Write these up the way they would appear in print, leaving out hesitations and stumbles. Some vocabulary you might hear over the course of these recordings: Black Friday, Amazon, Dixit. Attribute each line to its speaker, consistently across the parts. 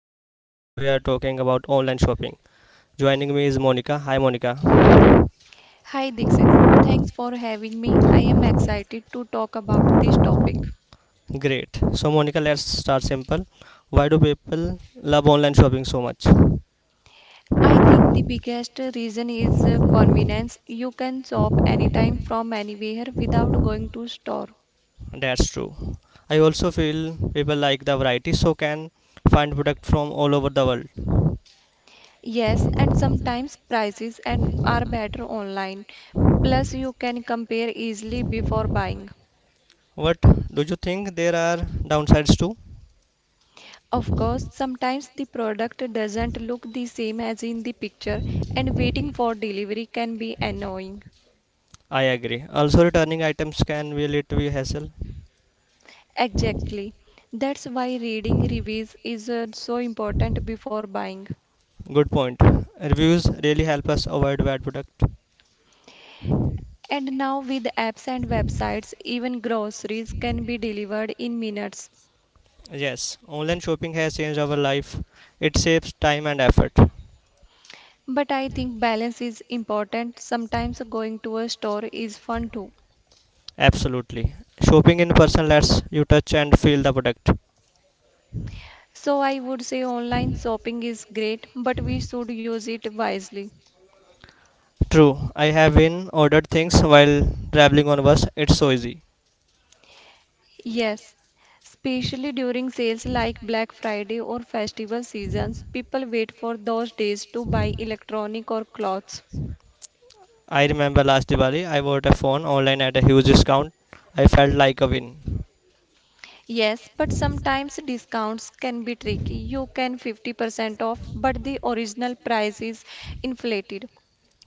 Speaker 1: Dikshit and we are talking about online shopping. Joining me is Monica. Hi Monica.
Speaker 2: Hi Dixit, thanks for having me. I am excited to talk about this topic.
Speaker 1: Great. So Monica, let's start simple. Why do people love online shopping so much?
Speaker 2: I think the biggest reason is convenience. You can shop anytime from anywhere without going to store.
Speaker 1: That's true. I also feel people like the variety so can find product from all over the world.
Speaker 2: Yes, and sometimes prices and are better online. Plus you can compare easily before buying.
Speaker 1: But do you think there are downsides too?
Speaker 2: Of course, sometimes the product doesn't look the same as in the picture and waiting for delivery can be annoying.
Speaker 1: I agree. Also returning items can really to be a little hassle.
Speaker 2: Exactly. That's why reading reviews is so important before buying.
Speaker 1: Good point. Reviews really help us avoid bad product.
Speaker 2: And now, with apps and websites, even groceries can be delivered in minutes.
Speaker 1: Yes, online shopping has changed our life. It saves time and effort.
Speaker 2: But I think balance is important. Sometimes going to a store is fun too.
Speaker 1: Absolutely. Shopping in person lets you touch and feel the product.
Speaker 2: So I would say online shopping is great, but we should use it wisely.
Speaker 1: True, I have been ordered things while traveling on bus. It's so easy.
Speaker 2: Yes, especially during sales like Black Friday or festival seasons, people wait for those days to buy electronic or clothes.
Speaker 1: I remember last Diwali, I bought a phone online at a huge discount. I felt like a win.
Speaker 2: Yes, but sometimes discounts can be tricky. You can 50% off, but the original price is inflated.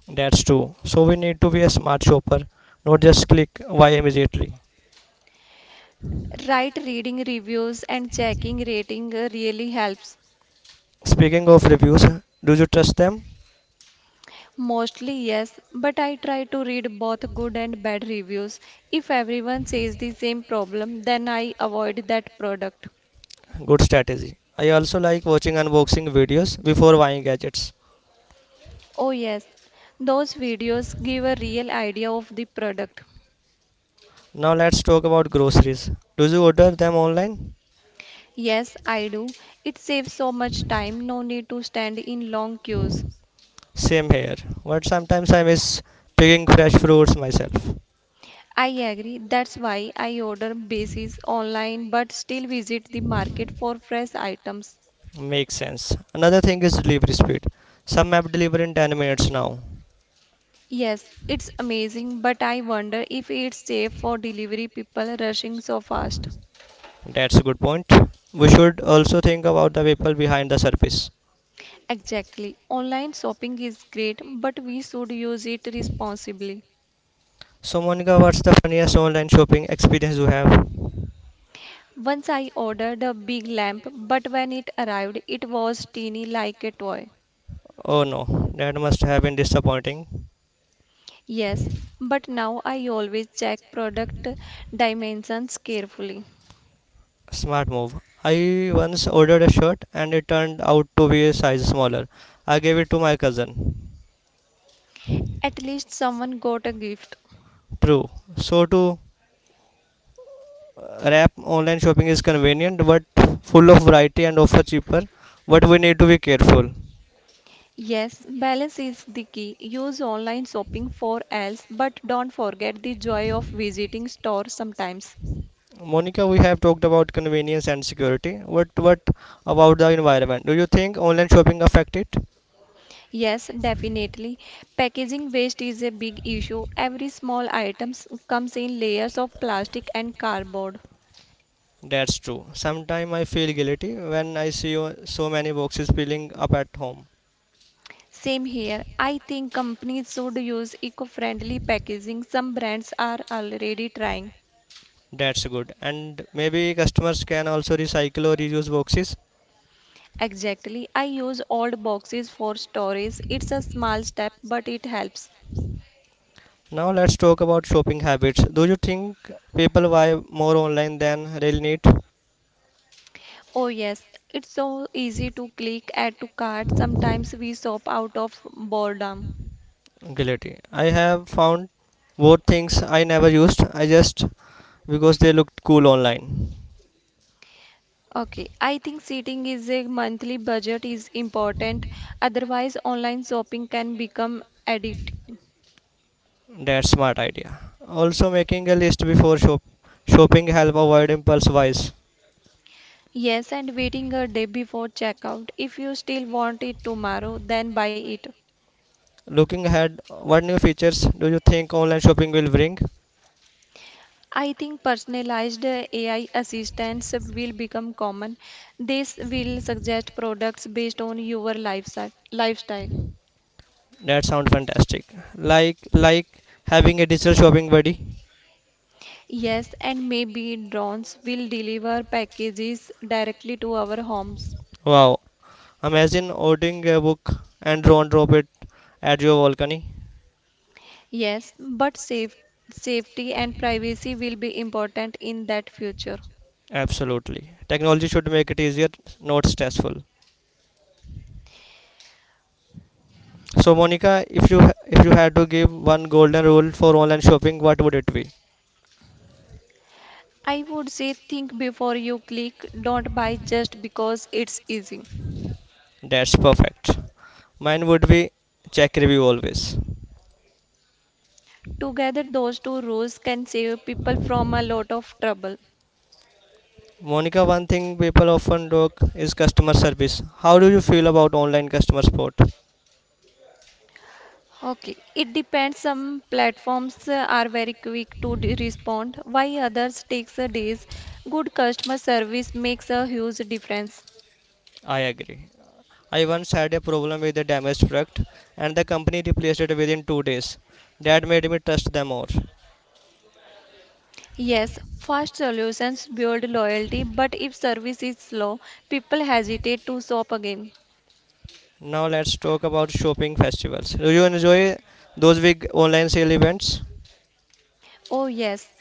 Speaker 1: That's true. So we need to be a smart shopper, not just click buy immediately.
Speaker 2: Right reading reviews and checking rating really helps.
Speaker 1: Speaking of reviews, do you trust them?
Speaker 2: Mostly yes, but I try to read both good and bad reviews. If everyone says the same problem, then I avoid that product.
Speaker 1: Good strategy. I also like watching unboxing videos before buying gadgets.
Speaker 2: Oh yes, those videos give a real idea of the product.
Speaker 1: Now let's talk about groceries. Do you order them online?
Speaker 2: Yes, I do. It saves so much time, no need to stand in long queues.
Speaker 1: Same here, but sometimes I miss picking fresh fruits myself.
Speaker 2: I agree. That's why I order basis online but still visit the market for fresh items.
Speaker 1: Makes sense. Another thing is delivery speed. Some app deliver in 10 minutes now.
Speaker 2: Yes, it's amazing, but I wonder if it's safe for delivery people rushing so fast.
Speaker 1: That's a good point. We should also think about the people behind the service.
Speaker 2: Exactly. Online shopping is great, but we should use it responsibly.
Speaker 1: So, Monica, what's the funniest online shopping experience you have?
Speaker 2: Once I ordered a big lamp, but when it arrived, it was teeny like a toy.
Speaker 1: Oh no, that must have been disappointing.
Speaker 2: Yes, but now I always check product dimensions carefully.
Speaker 1: Smart move. I once ordered a shirt and it turned out to be a size smaller. I gave it to my cousin.
Speaker 2: At least someone got a gift.
Speaker 1: True. So to wrap online shopping is convenient but full of variety and offer cheaper, but we need to be careful.
Speaker 2: Yes, balance is the key. Use online shopping for else, but don't forget the joy of visiting stores sometimes.
Speaker 1: Monica, we have talked about convenience and security. What about the environment? Do you think online shopping affect it?
Speaker 2: Yes, definitely. Packaging waste is a big issue. Every small item comes in layers of plastic and cardboard.
Speaker 1: That's true. Sometimes I feel guilty when I see so many boxes piling up at home.
Speaker 2: Same here. I think companies should use eco-friendly packaging. Some brands are already trying.
Speaker 1: That's good, and maybe customers can also recycle or reuse boxes.
Speaker 2: Exactly. I use old boxes for storage. It's a small step, but it helps.
Speaker 1: Now let's talk about shopping habits. Do you think people buy more online than really need?
Speaker 2: Oh yes, it's so easy to click add to cart. Sometimes we shop out of boredom.
Speaker 1: Guilty. I have found both things I never used, I just because they looked cool online.
Speaker 2: Okay, I think setting is a monthly budget is important. Otherwise, online shopping can become addict.
Speaker 1: That's smart idea. Also making a list before shopping help avoid impulse buys.
Speaker 2: Yes, and waiting a day before checkout. If you still want it tomorrow, then buy it.
Speaker 1: Looking ahead, what new features do you think online shopping will bring?
Speaker 2: I think personalized AI assistants will become common. This will suggest products based on your lifestyle.
Speaker 1: That sounds fantastic. Like having a digital shopping buddy.
Speaker 2: Yes, and maybe drones will deliver packages directly to our homes.
Speaker 1: Wow. Imagine ordering a book and draw and drop it at your balcony.
Speaker 2: Yes, safety and privacy will be important in that future.
Speaker 1: Absolutely. Technology should make it easier, not stressful. So Monica, if you had to give one golden rule for online shopping, what would it be?
Speaker 2: I would say think before you click, don't buy just because it's easy.
Speaker 1: That's perfect. Mine would be check review always.
Speaker 2: Together, those two rules can save people from a lot of trouble.
Speaker 1: Monica, one thing people often talk is customer service. How do you feel about online customer support?
Speaker 2: Okay, it depends. Some platforms are very quick to respond, while others takes a days. Good customer service makes a huge difference.
Speaker 1: I agree. I once had a problem with a damaged product and the company replaced it within 2 days. That made me trust them more.
Speaker 2: Yes, fast solutions build loyalty, but if service is slow, people hesitate to shop again.
Speaker 1: Now let's talk about shopping festivals. Do you enjoy those big online sale events?
Speaker 2: Oh, yes,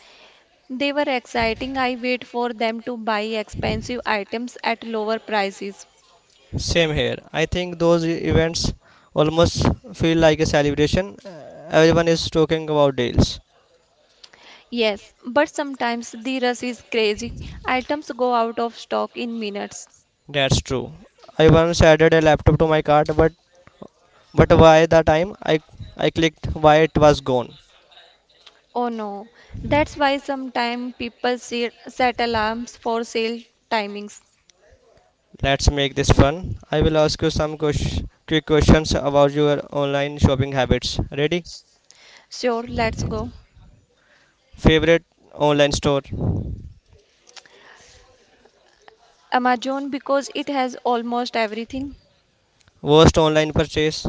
Speaker 2: they were exciting. I wait for them to buy expensive items at lower prices.
Speaker 1: Same here. I think those events almost feel like a celebration. Everyone is talking about deals.
Speaker 2: Yes, but sometimes the rush is crazy. Items go out of stock in minutes.
Speaker 1: That's true. I once added a laptop to my cart, but by the time I clicked why it was gone.
Speaker 2: Oh no, that's why sometimes people set alarms for sale timings.
Speaker 1: Let's make this fun. I will ask you some quick questions about your online shopping habits. Ready?
Speaker 2: Sure, let's go.
Speaker 1: Favorite online store?
Speaker 2: Amazon because it has almost everything.
Speaker 1: Worst online purchase?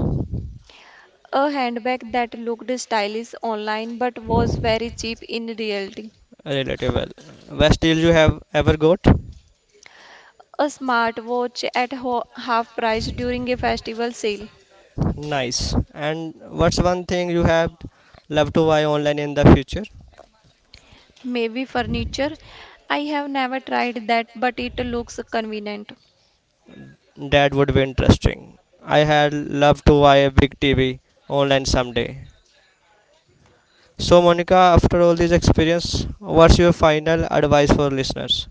Speaker 2: A handbag that looked stylish online but was very cheap in reality.
Speaker 1: Relatable. Best deal you have ever got?
Speaker 2: A smartwatch at half price during a festival sale.
Speaker 1: Nice. And what's one thing you have loved to buy online in the future?
Speaker 2: Maybe furniture. I have never tried that, but it looks convenient.
Speaker 1: That would be interesting. I had loved to buy a big TV online someday. So, Monica, after all this experience, what's your final advice for listeners?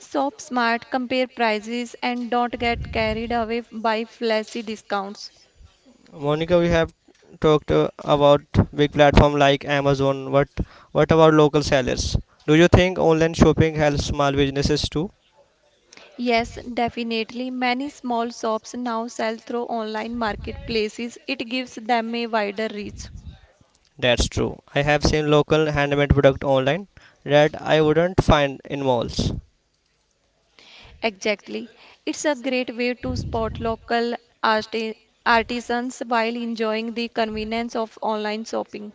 Speaker 2: Shop smart, compare prices, and don't get carried away by flashy discounts.
Speaker 1: Monica, we have talked about big platform like Amazon. What about local sellers? Do you think online shopping helps small businesses too?
Speaker 2: Yes, definitely. Many small shops now sell through online marketplaces. It gives them a wider reach.
Speaker 1: That's true. I have seen local handmade product online that I wouldn't find in malls.
Speaker 2: Exactly. It's a great way to spot local arti- artisans while enjoying the convenience of online shopping.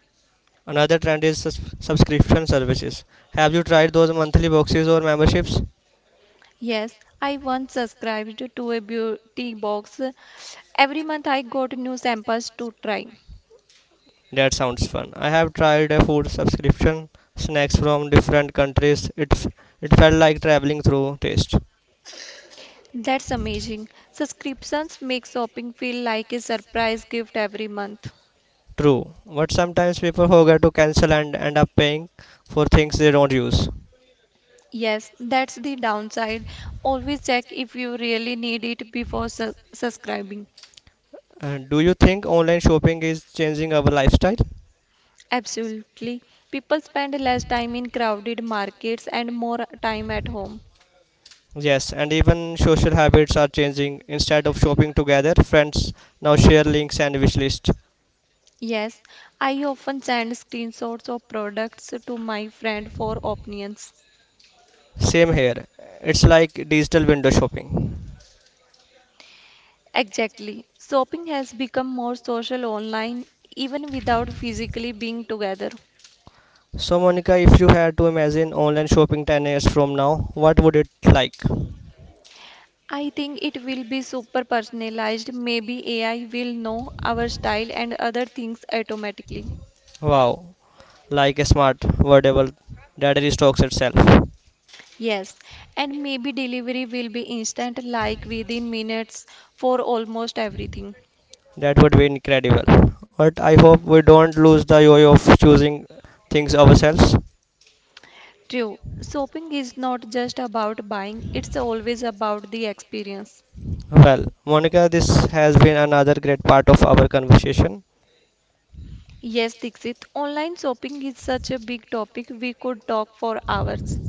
Speaker 1: Another trend is subscription services. Have you tried those monthly boxes or memberships?
Speaker 2: Yes, I once subscribed to a beauty box. Every month I got new samples to try.
Speaker 1: That sounds fun. I have tried a food subscription, snacks from different countries. It felt like traveling through taste.
Speaker 2: That's amazing. Subscriptions make shopping feel like a surprise gift every month.
Speaker 1: True, but sometimes people forget to cancel and end up paying for things they don't use.
Speaker 2: Yes, that's the downside. Always check if you really need it before subscribing.
Speaker 1: Do you think online shopping is changing our lifestyle?
Speaker 2: Absolutely. People spend less time in crowded markets and more time at home.
Speaker 1: Yes, and even social habits are changing. Instead of shopping together, friends now share links and wish lists.
Speaker 2: Yes, I often send screenshots of products to my friend for opinions.
Speaker 1: Same here. It's like digital window shopping.
Speaker 2: Exactly. Shopping has become more social online even without physically being together.
Speaker 1: So Monica, if you had to imagine online shopping 10 years from now, what would it like?
Speaker 2: I think it will be super personalized. Maybe AI will know our style and other things automatically.
Speaker 1: Wow, like a smart wearable that restocks itself.
Speaker 2: Yes, and maybe delivery will be instant, like within minutes for almost everything.
Speaker 1: That would be incredible, but I hope we don't lose the joy of choosing things ourselves.
Speaker 2: True, shopping is not just about buying, it's always about the experience.
Speaker 1: Well Monica, this has been another great part of our conversation.
Speaker 2: Yes, Dixit, online shopping is such a big topic, we could talk for hours.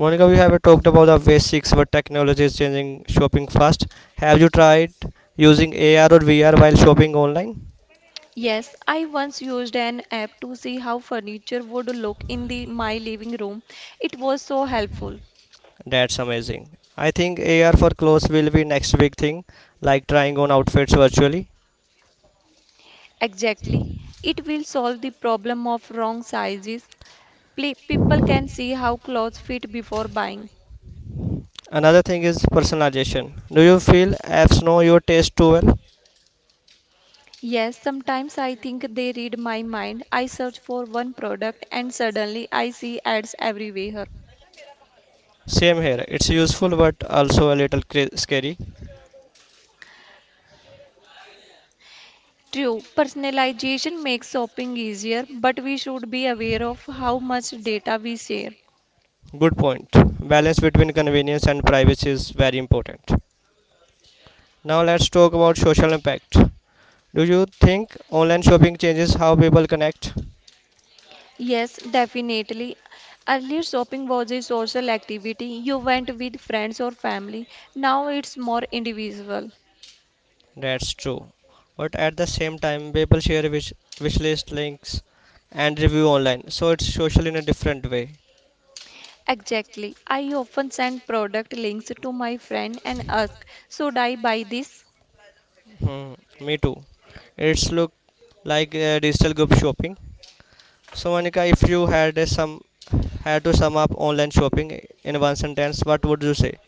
Speaker 1: Monica, we have talked about the basics, but technology is changing shopping fast. Have you tried using AR or VR while shopping online?
Speaker 2: Yes, I once used an app to see how furniture would look in the my living room. It was so helpful.
Speaker 1: That's amazing. I think AR for clothes will be next big thing, like trying on outfits virtually.
Speaker 2: Exactly. It will solve the problem of wrong sizes, People can see how clothes fit before buying.
Speaker 1: Another thing is personalization. Do you feel apps know your taste too well?
Speaker 2: Yes, sometimes I think they read my mind. I search for one product and suddenly I see ads everywhere.
Speaker 1: Same here. It's useful but also a little scary.
Speaker 2: True, personalization makes shopping easier, but we should be aware of how much data we share.
Speaker 1: Good point. Balance between convenience and privacy is very important. Now let's talk about social impact. Do you think online shopping changes how people connect?
Speaker 2: Yes, definitely. Earlier, shopping was a social activity. You went with friends or family. Now it's more individual.
Speaker 1: That's true. But at the same time, people share wish list links and review online, so it's social in a different way.
Speaker 2: Exactly. I often send product links to my friend and ask, should I buy this?
Speaker 1: Hmm, me too. It's look like digital group shopping. So Monica, if you had to sum up online shopping in one sentence, what would you say?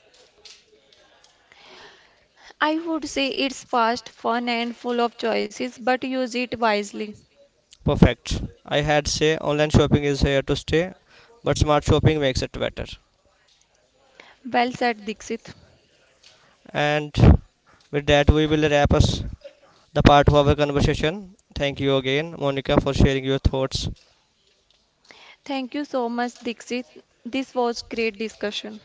Speaker 2: I would say it's fast, fun, and full of choices, but use it wisely.
Speaker 1: Perfect. I had say online shopping is here to stay, but smart shopping makes it better.
Speaker 2: Well said, Dixit.
Speaker 1: And with that, we will wrap us the part of our conversation. Thank you again, Monica, for sharing your thoughts.
Speaker 2: Thank you so much, Dixit. This was great discussion.